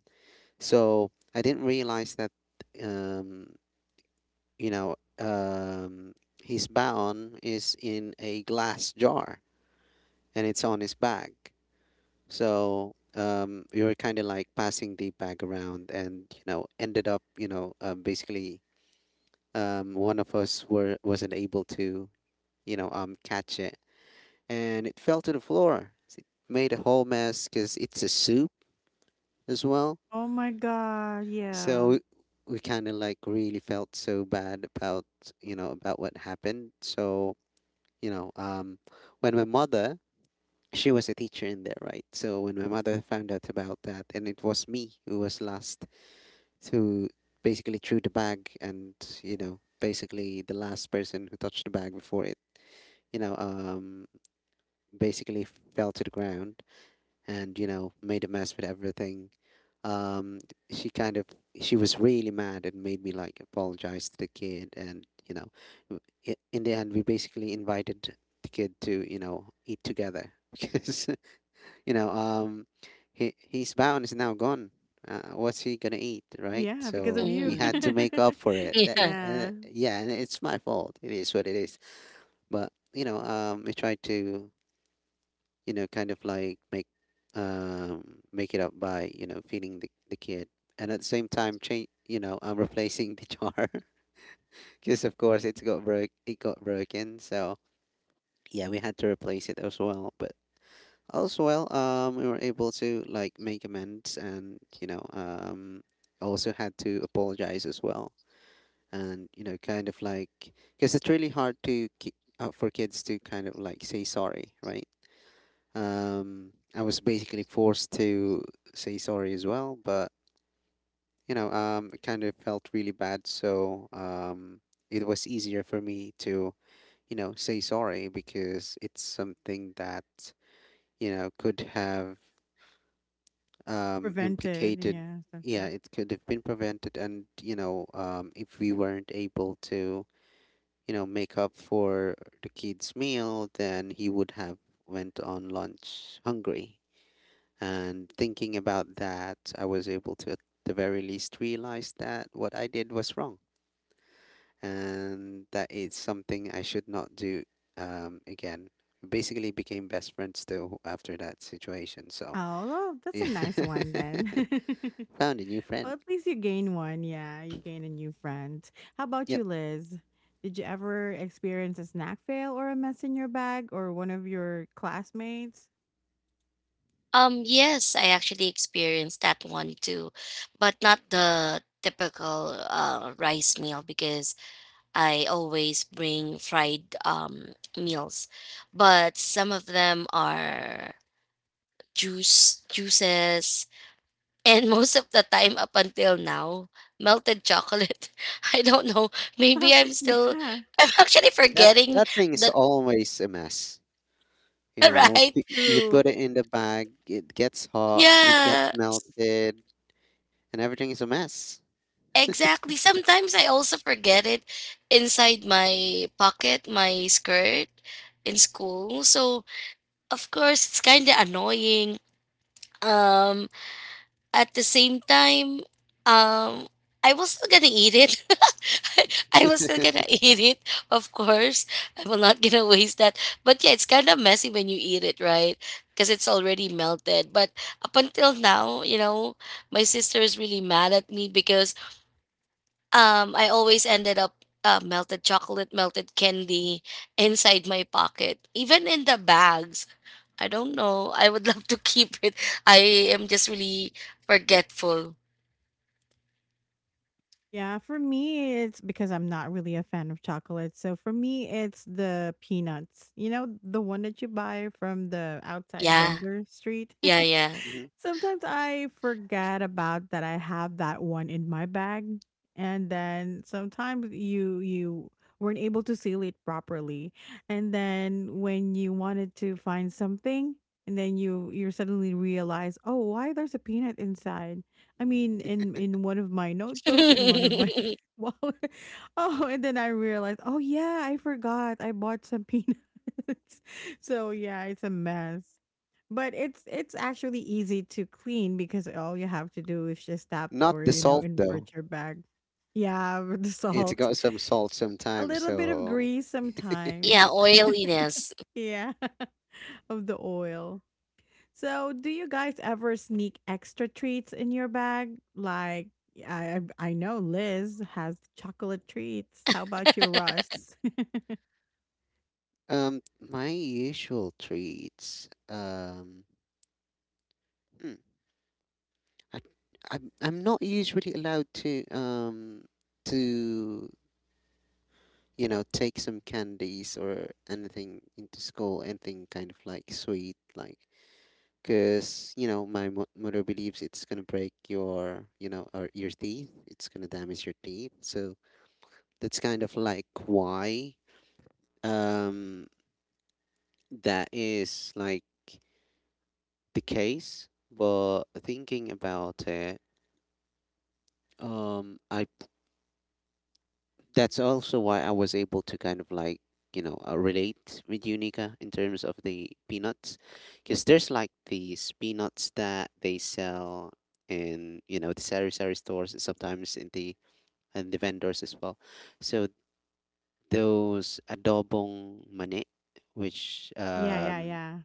So I didn't realize that um you know um his baon is in a glass jar, and it's on his bag. So we were kind of like passing the bag around, and you know ended up you know basically one of us were wasn't able to you know catch it, and it fell to the floor. So it made a whole mess because it's a soup as well. oh my God, So yeah, we kind of like really felt so bad about, you know, about what happened. So, you know, when my mother, she was a teacher in there, right? So when my mother found out about that, and it was me who was last to basically threw the bag and, you know, basically the last person who touched the bag before it, you know, basically fell to the ground and you know made a mess with everything. Um, she kind of she was really mad and made me like apologize to the kid, and you know, w- in the end we basically invited the kid to you know eat together because you know he his bound is now gone. What's he gonna eat, right? yeah, because of So we you. had Mm. to make up for it. That, Yeah. Yeah, yeah, and it's my fault. It is what it is. But you know, we tried to you know, kind of like make make it up by you know feeding the kid, and at the same time change. You know, I'm replacing the jar because of course it's got broke. It got broken, so yeah, we had to replace it as well. But as well, we were able to like make amends, and you know, also had to apologize as well, and you know, kind of like because it's really hard to for kids to kind of like say sorry, right? I was basically forced to say sorry as well, but you know, it kind of felt really bad. So it was easier for me to, say sorry because it's something that, could have prevented. implicated. Yeah, Yeah, something. it could have been prevented. And if we weren't able to, make up for the kid's meal, then he would have went on lunch hungry. And thinking about that, I was able to, at the very least, realize that what I did was wrong and that it's something I should not do again. We basically became best friends still after that situation. So, Oh, well, that's a yeah. nice one then. Found a new friend. Well, at least you gain one. Yeah, you gain a new friend. How about Yep. you, Liz? Did you ever experience a snack fail or a mess in your bag or one of your classmates? Yes, I actually experienced that one too, but not the typical rice meal because I always bring fried meals, but some of them are juice juices, and most of the time up until now, melted chocolate. I don't know. Maybe I'm still. Yeah, I'm actually That forgetting that thing is that. always a mess. You know, Right? You true. put it in the bag, it gets hot, it gets Yeah. melted, and everything is a mess. Exactly. Sometimes I also forget it inside my pocket, my skirt in school. So of course it's kind of annoying. Um, at the same time, um, I was still gonna eat it. I was still gonna eat it, of course. I will not gonna waste that. But yeah, it's kind of messy when you eat it, right? Because it's already melted. But up until now, my sister is really mad at me because I always ended up melted chocolate, melted candy inside my pocket, even in the bags. I don't know. I would love to keep it. I am just really forgetful. Yeah, for me, it's because I'm not really a fan of chocolate. So for me, it's the peanuts. You know, the one that you buy from the outside Yeah. vendor street. Yeah, yeah. Mhm. Sometimes I forget about that I have that one in my bag, and then sometimes you weren't able to seal it properly, and then when you wanted to find something, and then you suddenly realize, oh, why there's a peanut inside? I mean, in one of my notebooks, in one of my wallet. Oh, and then I realized, oh yeah, I forgot I bought some peanuts. So yeah, it's a mess. But it's actually easy to clean because all you have to do is just tap Not or the you know salt though. invert your bag. Yeah, with the It's salt, got some salt a sometimes. little bit of So, grease sometimes. Yeah, oiliness. Yeah, of the oil. So, do you guys ever sneak extra treats in your bag? Like I know Liz has chocolate treats. How about you, Russ? My usual treats. Hmm, I, I'm not usually allowed to to you know take some candies or anything into school. Anything kind of like sweet, like because you know my mother believes it's gonna break your you know or your teeth, it's gonna damage your teeth, so that's kind of like why um that is like the case. But thinking about it, I that's also why I was able to kind of like relate with Unica in terms of the peanuts, because there's like these peanuts that they sell in you know the sari sari stores, and sometimes in the vendors as well. So those adobong mani, which yeah, yeah, yeah.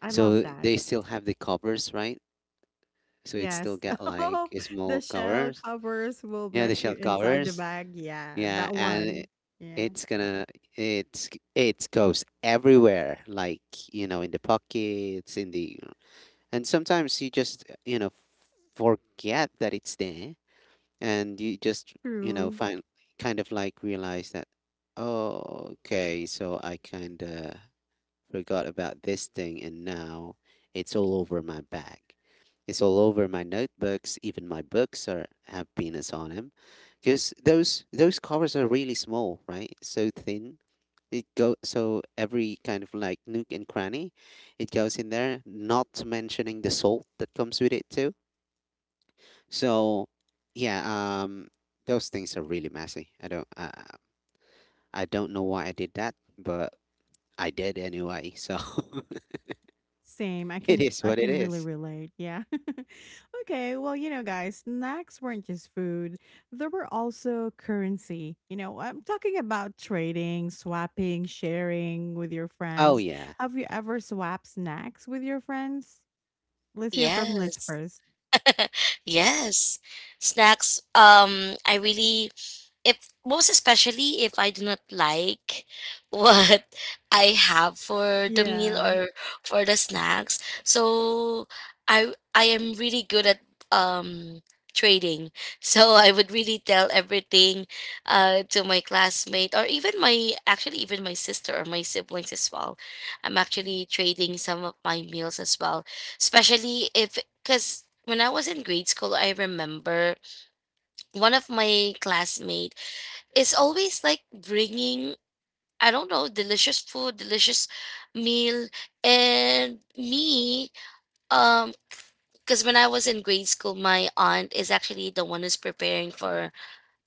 I love so that. they still have the covers, right? So it still Yes. got like Oh, the small shell covers. covers will Yeah, the mess you shell inside the covers. bag. Yeah, Yeah, that and one. it- Yeah, it's gonna it's it goes everywhere, like you know, in the pockets, in the and sometimes you just you know forget that it's there and you just you know true. find, kind of like realize that, oh okay, so I kind of forgot about this thing and now it's all over my bag, it's all over my notebooks, even my books are have penis on them, because those covers are really small, right? So thin, it go so every kind of like nook and cranny, it goes in there, not mentioning the salt that comes with it too. So yeah, those things are really messy. I don't know why I did that, but I did anyway. So Same. I it can is I what it can really is. relate. Yeah. okay. Well, you know, guys, snacks weren't just food. There were also currency. You know, I'm talking about trading, swapping, sharing with your Oh friends. yeah. Have you ever swapped snacks with your friends? Let's hear from Liz Yes. first. Yes. Snacks, I really if most especially if I do not like what I have for the meal Yeah. or for the snacks. So I am really good at um trading. So I would really tell everything to my classmate, or even my, actually, even my sister or my siblings as well. I'm actually trading some of my meals as well. Especially if because when I was in grade school, I remember one of my classmates it's always like bringing, I don't know, delicious food, delicious meal, and me um because when I was in grade school my aunt is actually the one who's preparing for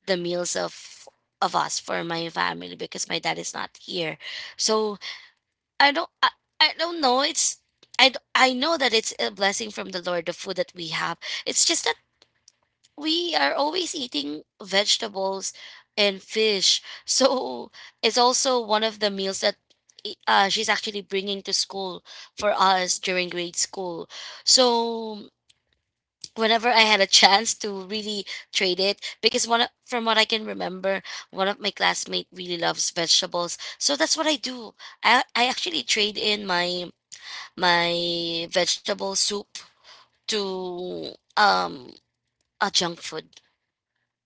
the meals of us for my family because my dad is not here. So i don't i, I don't know it's. I know that it's a blessing from the Lord, the food that we have. It's just that we are always eating vegetables and fish. So it's also one of the meals that she's actually bringing to school for us during grade school. So whenever I had a chance to really trade it, because one of, from what I can remember, one of my classmates really loves vegetables. So that's what I do. I actually trade in my vegetable soup to a junk food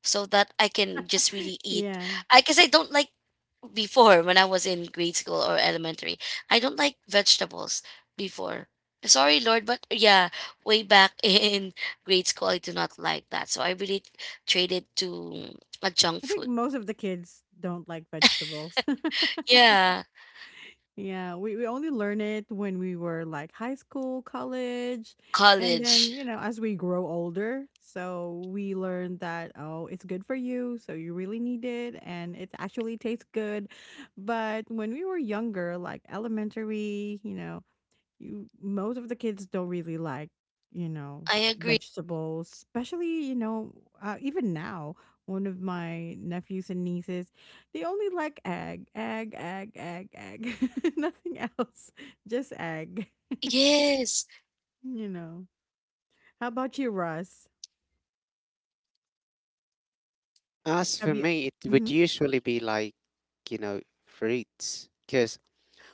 so that I can just really eat. Yeah. I guess I don't like, before when I was in grade school or elementary, I don't like vegetables before. Sorry, Lord, but yeah, way back in grade school, I do not like that. So I really traded to a junk I think food. most of the kids don't like vegetables. Yeah, yeah, we only learn it when we were like high school, college, and then, college. you know, as we grow older. So we learn that, oh, it's good for you. So you really need it. And it actually tastes good. But when we were younger, like elementary, you know, you most of the kids don't really like, you know, I agree. vegetables, especially, you know, even now, one of my nephews and nieces, they only like egg, egg, egg, egg, egg. Nothing else. Just egg. Yes. you know. How about you, Russ? As Have for you? me, it Mm-hmm. would usually be like, you know, fruits, because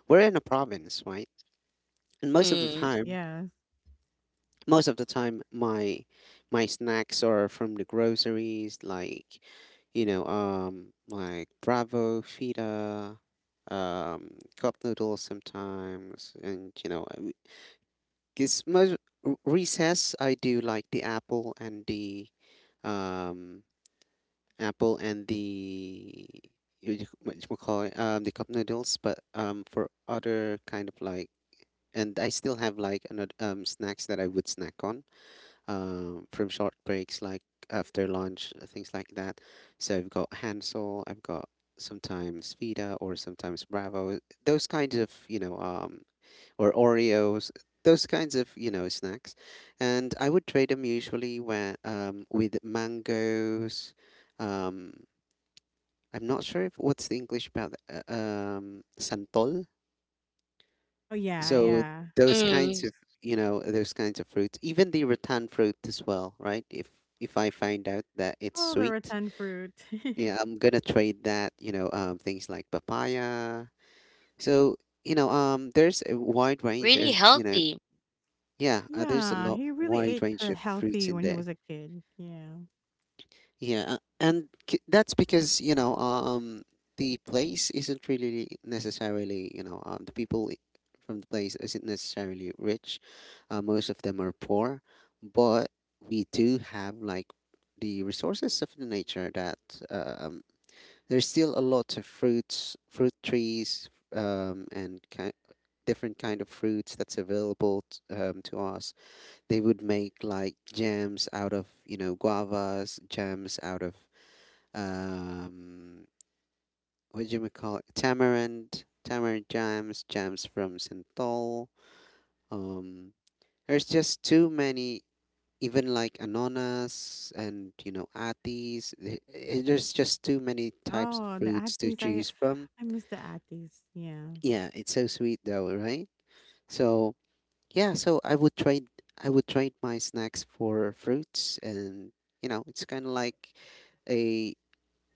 we're in a province, right? And Mm, Yes. most of the time, my snacks are from the groceries, like you know, like Bravo, Fita, cup noodles sometimes, and you know, because most recess I do like the apple and the um apple and the what you call it, the cup noodles. But um for other kind of like, and I still have like another snacks that I would snack on from short breaks, like after lunch, things like that. So I've got Hansel, I've got sometimes Vita or sometimes Bravo, those kinds of, you know, or Oreos, those kinds of, you know, snacks. And I would trade them usually where, with mangoes. Um, I'm not sure if what's the English about santol. Oh, yeah, So yeah. those mm, kinds of, you know, those kinds of fruits, even the rattan fruit as well, right? If I find out that it's Oh, the sweet, rattan fruit. yeah, I'm gonna trade that, you know, things like papaya. So, you know, there's a wide range really of, you know, healthy. yeah, there's a yeah, lot he really wide ate range her of fruits healthy in when he there. was a kid. Yeah. Yeah, and that's because you know the place isn't really necessarily you know the from the place isn't necessarily rich. Most of them are poor, but we do have like the resources of the nature that um there's still a lot of fruits, fruit trees, and ki different kind of fruits that's available to us. They would make like jams out of you know guavas, jams out of um, what do you call it? Tamarind, tamarind jams, jams from Synthol. Um, there's just too many, even like Anonas and, you know, Atis. There's just too many types of Oh, the fruits to atties. Choose from. I miss the atties. Yeah. Yeah, it's so sweet though, right? So, yeah, so I would trade my snacks for fruits, and you know, it's kind of like a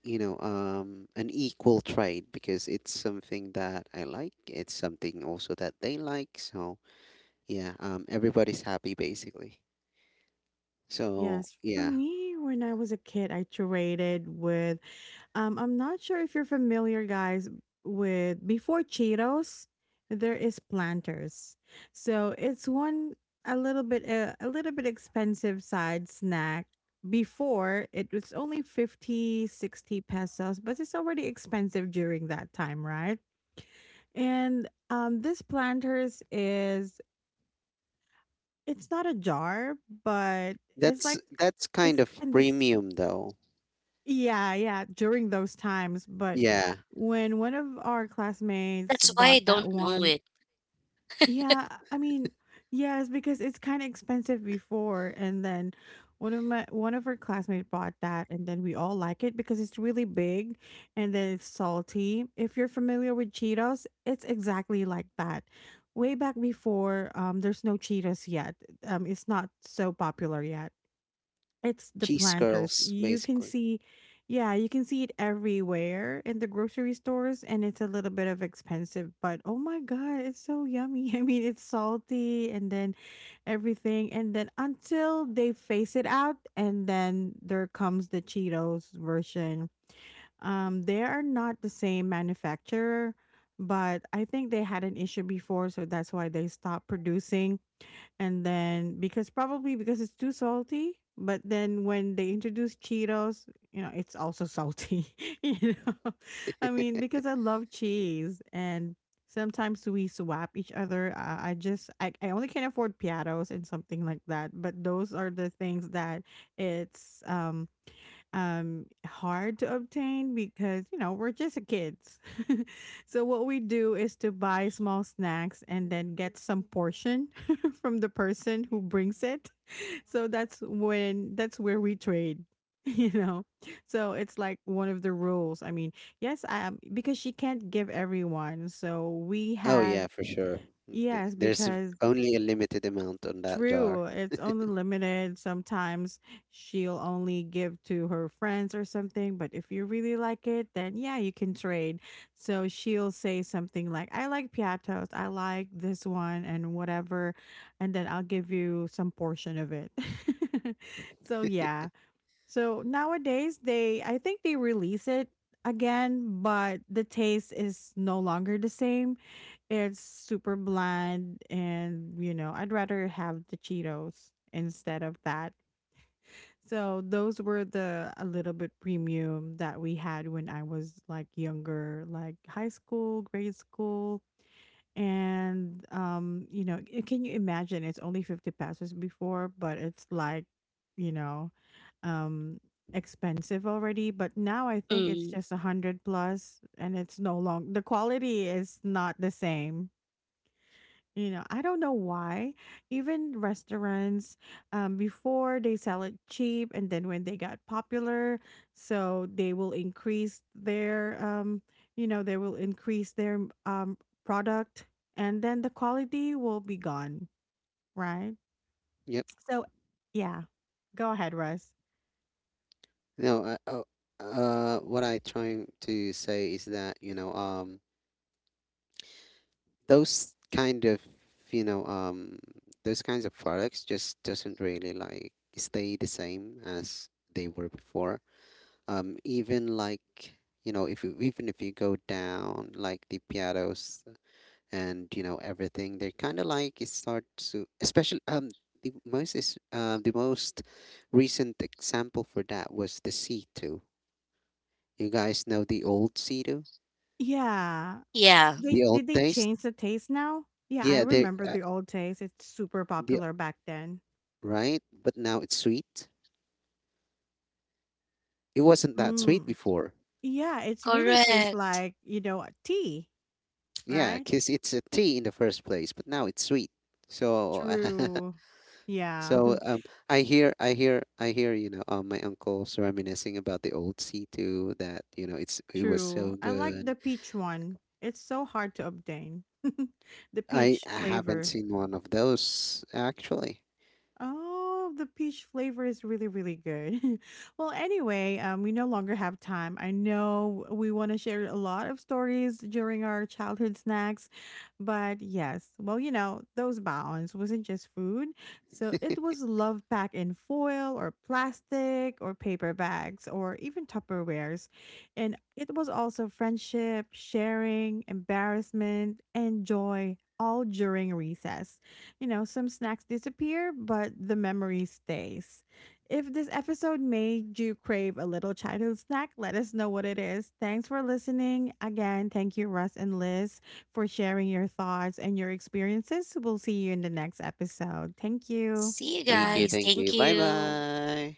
you know an equal trade because it's something that I like. It's something also that they like. So yeah, everybody's happy basically. So Yes. For yeah, me, when I was a kid, I traded with I'm not sure if you're familiar guys with before Cheetos, there is Planters. So it's one a little bit expensive side snack. Before it was only 50-60 pesos, but it's already expensive during that time, right? And this planters is it's not a jar, but it's that's like that's kind it's of in this premium though. yeah, yeah, during those times, but Yeah, when one of our classmates That's why I brought don't that know one it. yeah, I mean, yes, because it's kind of expensive before, and then one of her classmates bought that, and then we all like it because it's really big, and then it's salty. If you're familiar with Cheetos, it's exactly like that. Way back before, there's no Cheetos yet. It's not so popular yet. It's the cheese planters. curls You can basically. see, yeah, you can see it everywhere in the grocery stores, and it's a little bit of expensive, but oh my God, it's so yummy. I mean, it's salty and then everything. And then until they phase it out, and then there comes the Cheetos version. They are not the same manufacturer, but I think they had an issue before, so that's why they stopped producing and then because probably because it's too salty. But then when they introduce cheetos, you know, it's also salty. You know, I mean, because I love cheese and sometimes we swap each other. I only can afford piatos and something like that, but those are the things that it's hard to obtain because you know we're just kids. So what we do is to buy small snacks and then get some portion from the person who brings it. So that's where we trade. You know, so it's like one of the rules. I mean, yes, because she can't give everyone, so we Oh yeah, had for sure. Yes There's because only a limited amount on that true, jar. it's only limited. Sometimes she'll only give to her friends or something, but if you really like it, then yeah, you can trade. So she'll say something like, I like piatos, I like this one, and whatever, and then I'll give you some portion of it. so yeah. So nowadays, I think they release it again, but the taste is no longer the same. It's super bland and you know, I'd rather have the Cheetos instead of that. So those were the a little bit premium that we had when I was like younger, like high school, grade school. And you know, can you imagine it's only 50 pesos before, but it's like, you know, um expensive already, but now I think it's Mm, just 100 plus and it's no long the quality is not the same, you know, I don't know why. Even restaurants, before they sell it cheap, and then when they got popular, so they will increase their, you know, they will increase their um product, and then the quality will be gone, right? Yep. So, yeah, go ahead, Russ. No, I, oh, what I trying to say is that you know those kind of you know those kinds of products just doesn't really like stay the same as they were before, even like you know if you even if you go down like the piatos and you know everything, they're kind of like it starts to, especially the most is the most recent example for that was the C2. You guys know the old C2, Yeah, yeah, they the old did they taste, change the taste now? Yeah, I yeah they remember the old taste. It's super the popular back then. right? But now it's sweet, it wasn't that sweet Mm. before. Yeah, it's really tastes correct. like, you know, tea, Yeah, right? because it's a tea in the first place, but now it's sweet. So, True. Yeah, so I hear. You know, my uncle's reminiscing about the old C2 that you know it's it was true. so I like good. the peach one. It's so hard to obtain. The I peach haven't flavor. seen one of those actually. Oh, the peach flavor is really, really good. well, anyway, we no longer have time. I know we want to share a lot of stories during our childhood snacks, but yes, well, you know, those baons wasn't just food. So it was love packed in foil or plastic or paper bags or even Tupperwares. And it was also friendship, sharing, embarrassment, and joy all during recess. You know, some snacks disappear, but the memory stays. If this episode made you crave a little childhood snack, let us know what it is. Thanks for listening. Again, thank you, Russ and Liz, for sharing your thoughts and your experiences. We'll see you in the next episode. Thank you. See you Bye guys. bye. Thank Thank you. Bye you. bye.